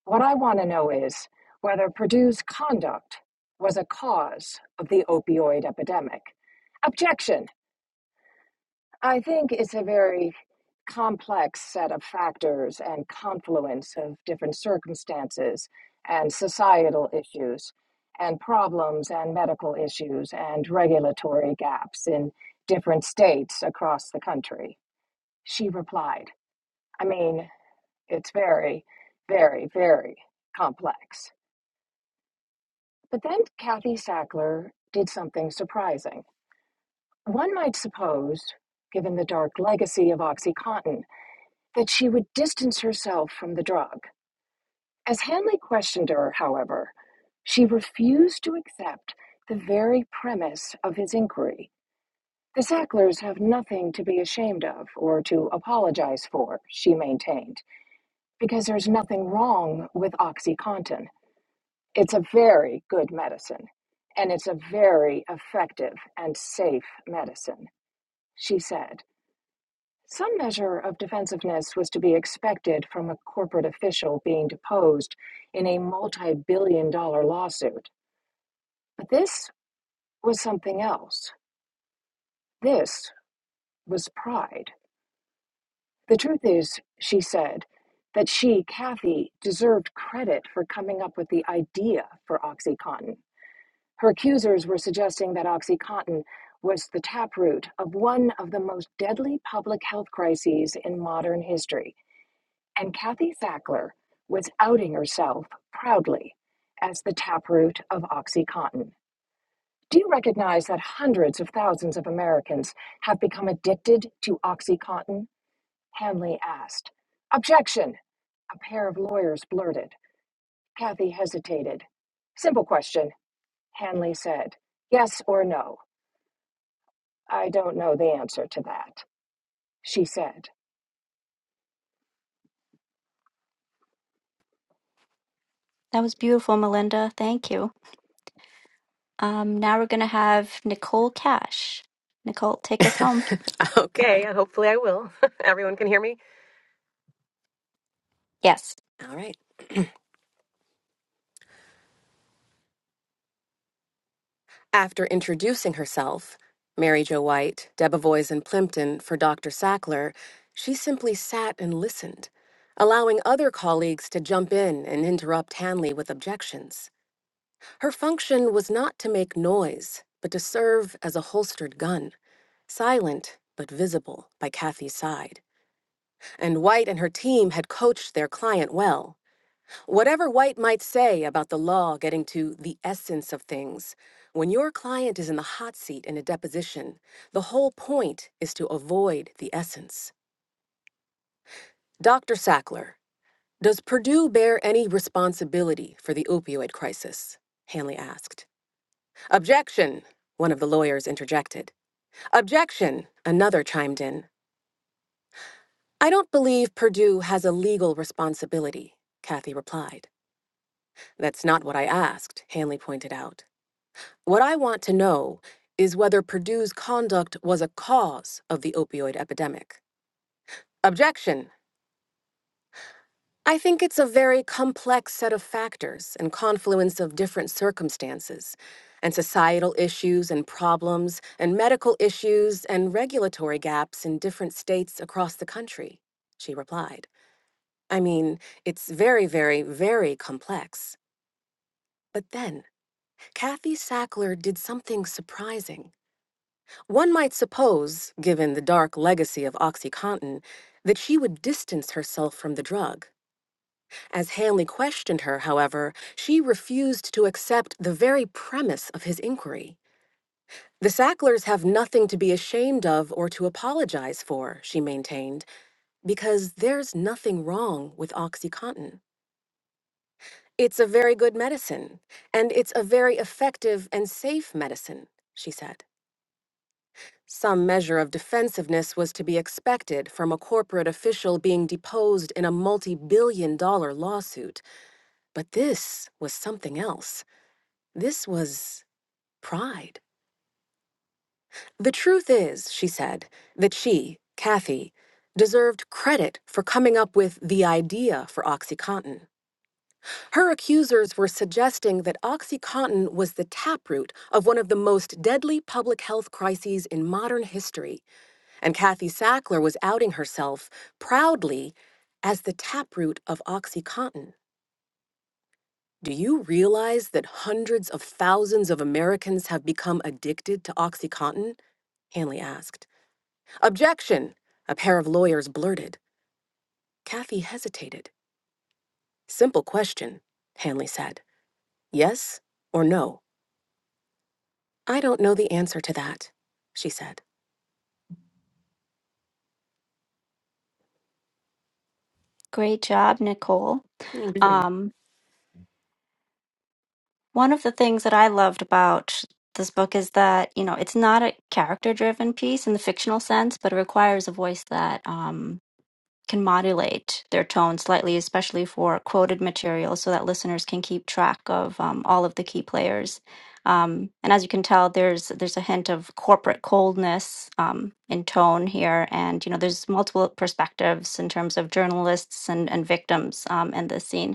What I want to know is whether Purdue's conduct was a cause of the opioid epidemic. Objection! I think it's a very complex set of factors and confluence of different circumstances and societal issues and problems and medical issues and regulatory gaps in different states across the country. She replied, I mean, it's very, very, very complex. But then Kathy Sackler did something surprising. One might suppose, given the dark legacy of OxyContin, that she would distance herself from the drug. As Hanley questioned her, however, she refused to accept the very premise of his inquiry. The Sacklers have nothing to be ashamed of or to apologize for, she maintained, because there's nothing wrong with OxyContin. It's a very good medicine, and it's a very effective and safe medicine, she said. Some measure of defensiveness was to be expected from a corporate official being deposed in a multi billion dollar lawsuit. But this was something else. This was pride. The truth is, she said, that she, Kathy, deserved credit for coming up with the idea for OxyContin. Her accusers were suggesting that OxyContin was the taproot of one of the most deadly public health crises in modern history. And Kathy Sackler was outing herself proudly as the taproot of OxyContin. Do you recognize that hundreds of thousands of Americans have become addicted to OxyContin? Hanley asked. Objection, a pair of lawyers blurted. Kathy hesitated. Simple question, Hanley said. Yes or no? I don't know the answer to that, she said. that was beautiful, Melinda. Thank you. Um, now we're gonna have Nicole Cash. Nicole, take us home. okay, hopefully I will. Everyone can hear me. Yes, All right. After introducing herself, Mary Jo White, Debevoise and Plimpton for Dr. Sackler, she simply sat and listened, allowing other colleagues to jump in and interrupt Hanley with objections. Her function was not to make noise, but to serve as a holstered gun, silent but visible by Kathy's side. And White and her team had coached their client well. Whatever White might say about the law getting to the essence of things, when your client is in the hot seat in a deposition, the whole point is to avoid the essence. Dr. Sackler, does Purdue bear any responsibility for the opioid crisis? Hanley asked. Objection, one of the lawyers interjected. Objection, another chimed in. I don't believe Purdue has a legal responsibility, Kathy replied. That's not what I asked, Hanley pointed out. What I want to know is whether Purdue's conduct was a cause of the opioid epidemic. Objection. I think it's a very complex set of factors and confluence of different circumstances, and societal issues and problems, and medical issues and regulatory gaps in different states across the country, she replied. I mean, it's very, very, very complex. But then, Kathy Sackler did something surprising. One might suppose, given the dark legacy of OxyContin, that she would distance herself from the drug. As Hanley questioned her, however, she refused to accept the very premise of his inquiry. The Sacklers have nothing to be ashamed of or to apologize for, she maintained, because there's nothing wrong with OxyContin. It's a very good medicine, and it's a very effective and safe medicine, she said. Some measure of defensiveness was to be expected from a corporate official being deposed in a multi billion dollar lawsuit, but this was something else. This was pride. The truth is, she said, that she, Kathy, deserved credit for coming up with the idea for OxyContin. Her accusers were suggesting that OxyContin was the taproot of one of the most deadly public health crises in modern history and Kathy Sackler was outing herself proudly as the taproot of OxyContin. Do you realize that hundreds of thousands of Americans have become addicted to OxyContin? Hanley asked. Objection, a pair of lawyers blurted. Kathy hesitated. Simple question, Hanley said. Yes or no? I don't know the answer to that, she said. great job, Nicole. Um, one of the things that I loved about this book is that you know it's not a character-driven piece in the fictional sense, but it requires a voice that um can modulate their tone slightly, especially for quoted material, so that listeners can keep track of um, all of the key players. Um, and as you can tell, there's there's a hint of corporate coldness um, in tone here, and you know there's multiple perspectives in terms of journalists and and victims um, in this scene.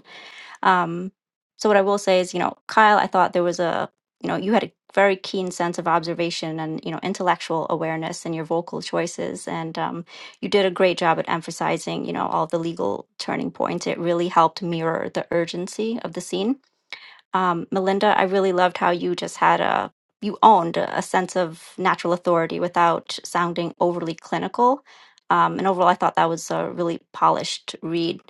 Um, so what I will say is, you know, Kyle, I thought there was a, you know, you had a very keen sense of observation and you know intellectual awareness in your vocal choices, and um, you did a great job at emphasizing, you know, all the legal turning points. It really helped mirror the urgency of the scene um, Melinda, I really loved how you just had a you owned a a sense of natural authority without sounding overly clinical. Um, and overall, I thought that was a really polished read.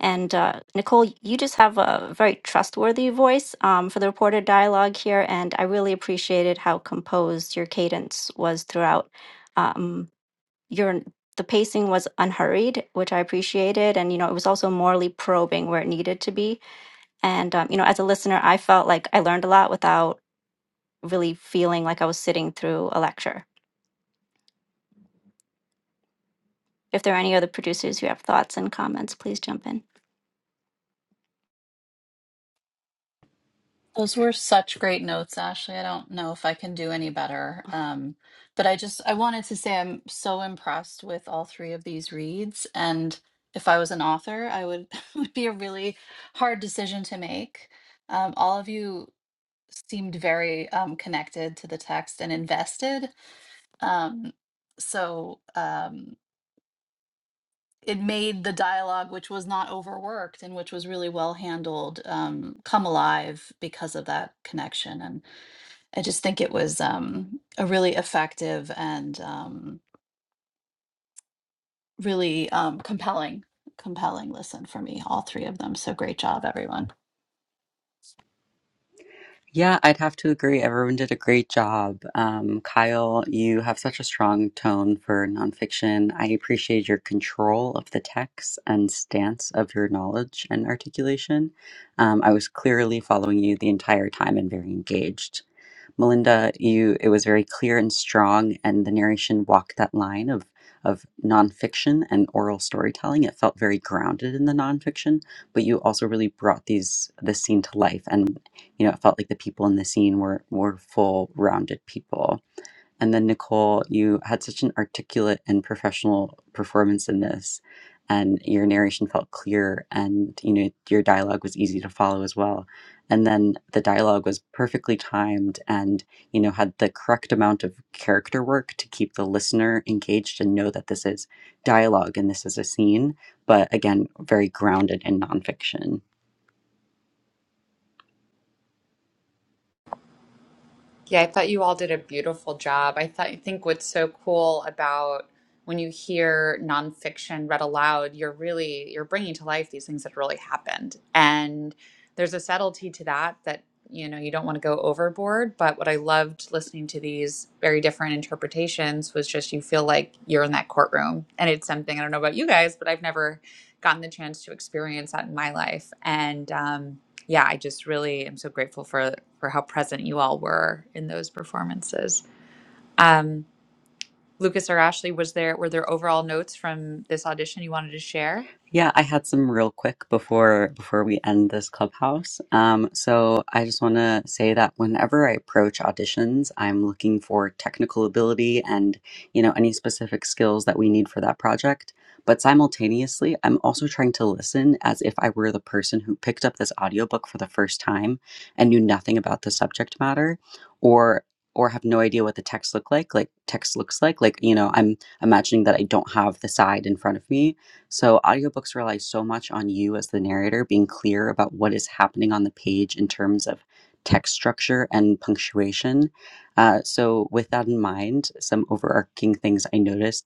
And uh, Nicole, you just have a very trustworthy voice um, for the reported dialogue here, and I really appreciated how composed your cadence was throughout. Um, your the pacing was unhurried, which I appreciated, and you know it was also morally probing where it needed to be and um, you know, as a listener, I felt like I learned a lot without really feeling like I was sitting through a lecture. If there are any other producers who have thoughts and comments, please jump in. Those were such great notes, Ashley. I don't know if I can do any better. Um, but I just I wanted to say I'm so impressed with all three of these reads. And if I was an author, I would it would be a really hard decision to make. Um, all of you seemed very um, connected to the text and invested. Um, so um, it made the dialogue, which was not overworked and which was really well handled, um, come alive because of that connection. And I just think it was um, a really effective and um, really um, compelling, compelling listen for me, all three of them. So great job, everyone. Yeah, I'd have to agree. Everyone did a great job. Um, Kyle, you have such a strong tone for nonfiction. I appreciate your control of the text and stance of your knowledge and articulation. Um, I was clearly following you the entire time and very engaged. Melinda, you it was very clear and strong, and the narration walked that line of of nonfiction and oral storytelling. It felt very grounded in the nonfiction, but you also really brought these this scene to life, and you know it felt like the people in the scene were were full rounded people and then, Nicole, you had such an articulate and professional performance in this, and your narration felt clear, and you know your dialogue was easy to follow as well. And then the dialogue was perfectly timed, and you know had the correct amount of character work to keep the listener engaged and know that this is dialogue and this is a scene, but again, very grounded in nonfiction. Yeah, I thought you all did a beautiful job. I thought I think what's so cool about when you hear nonfiction read aloud, you're really you're bringing to life these things that really happened, and there's a subtlety to that that you know you don't want to go overboard. But what I loved listening to these very different interpretations was just you feel like you're in that courtroom, and it's something I don't know about you guys, but I've never gotten the chance to experience that in my life, and um, yeah, I just really am so grateful for for how present you all were in those performances. Um, Lucas or Ashley, was there were there overall notes from this audition you wanted to share? Yeah, I had some real quick before before we end this clubhouse. Um, so I just want to say that whenever I approach auditions, I'm looking for technical ability and you know any specific skills that we need for that project. But simultaneously, I'm also trying to listen as if I were the person who picked up this audiobook for the first time and knew nothing about the subject matter, or or have no idea what the text look like like text looks like like you know i'm imagining that i don't have the side in front of me so, audiobooks rely so much on you as the narrator being clear about what is happening on the page in terms of text structure and punctuation. Uh, so, with that in mind, some overarching things I noticed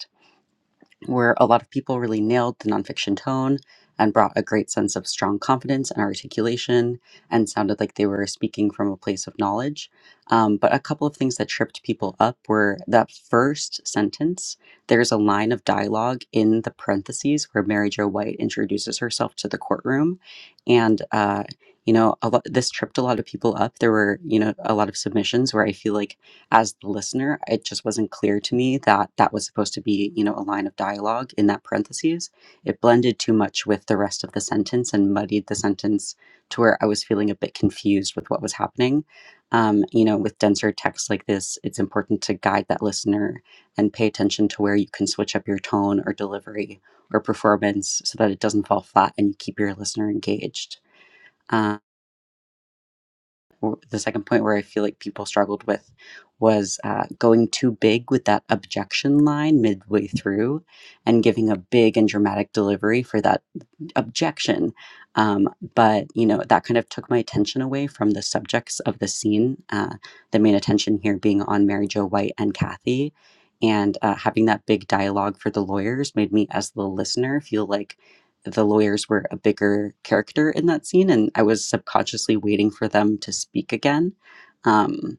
where a lot of people really nailed the nonfiction tone and brought a great sense of strong confidence and articulation and sounded like they were speaking from a place of knowledge. Um, but a couple of things that tripped people up were that first sentence, there's a line of dialogue in the parentheses where Mary Jo White introduces herself to the courtroom. And, uh, you know, a lot, this tripped a lot of people up. There were, you know, a lot of submissions where I feel like as the listener, it just wasn't clear to me that that was supposed to be, you know, a line of dialogue in that parentheses. It blended too much with the rest of the sentence and muddied the sentence to where I was feeling a bit confused with what was happening. Um, you know, with denser text like this, it's important to guide that listener and pay attention to where you can switch up your tone or delivery or performance so that it doesn't fall flat and you keep your listener engaged. Um, the second point where I feel like people struggled with was uh, going too big with that objection line midway through and giving a big and dramatic delivery for that objection um, but you know that kind of took my attention away from the subjects of the scene uh, the main attention here being on mary jo white and kathy and uh, having that big dialogue for the lawyers made me as the listener feel like the lawyers were a bigger character in that scene and i was subconsciously waiting for them to speak again Um,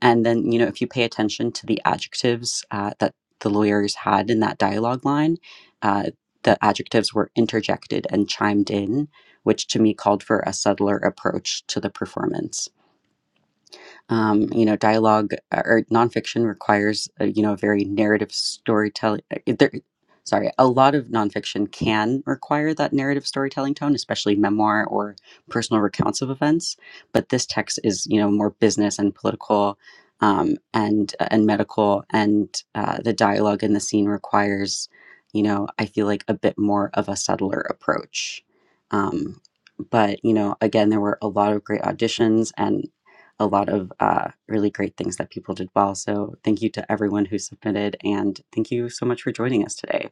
and then, you know, if you pay attention to the adjectives uh, that the lawyers had in that dialogue line, uh, the adjectives were interjected and chimed in, which to me called for a subtler approach to the performance. Um, you know, dialogue uh, or nonfiction requires a, you know a very narrative storytelling. uh, There, sorry, a lot of nonfiction can require that narrative storytelling tone, especially memoir or personal recounts of events. But this text is you know more business and political. Um, and uh, and medical and uh, the dialogue in the scene requires you know, I feel like a bit more of a subtler approach. Um, but you know, again, there were a lot of great auditions, and a lot of uh, really great things that people did well. So thank you to everyone who submitted, and thank you so much for joining us today.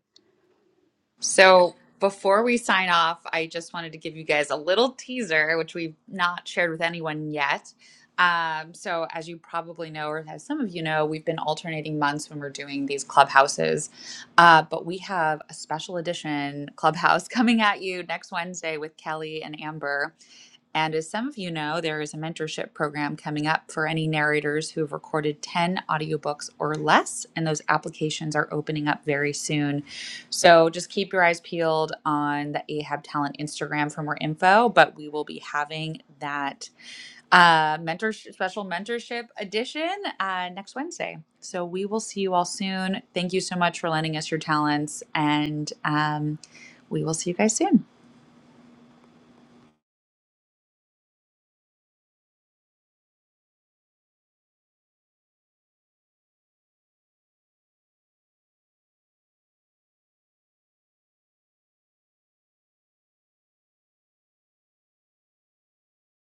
So before we sign off, I just wanted to give you guys a little teaser, which we've not shared with anyone yet. Um, so as you probably know, or as some of you know, we've been alternating months when we're doing these clubhouses. Uh, but we have a special edition clubhouse coming at you next Wednesday with Kelly and Amber And as some of you know, there is a mentorship program coming up for any narrators who have recorded 10 audiobooks or less, and those applications are opening up very soon. So just keep your eyes peeled on the Ahab Talent Instagram for more info, but we will be having that uh, mentor special mentorship edition uh, next Wednesday. So we will see you all soon. Thank you so much for lending us your talents, and um, we will see you guys soon.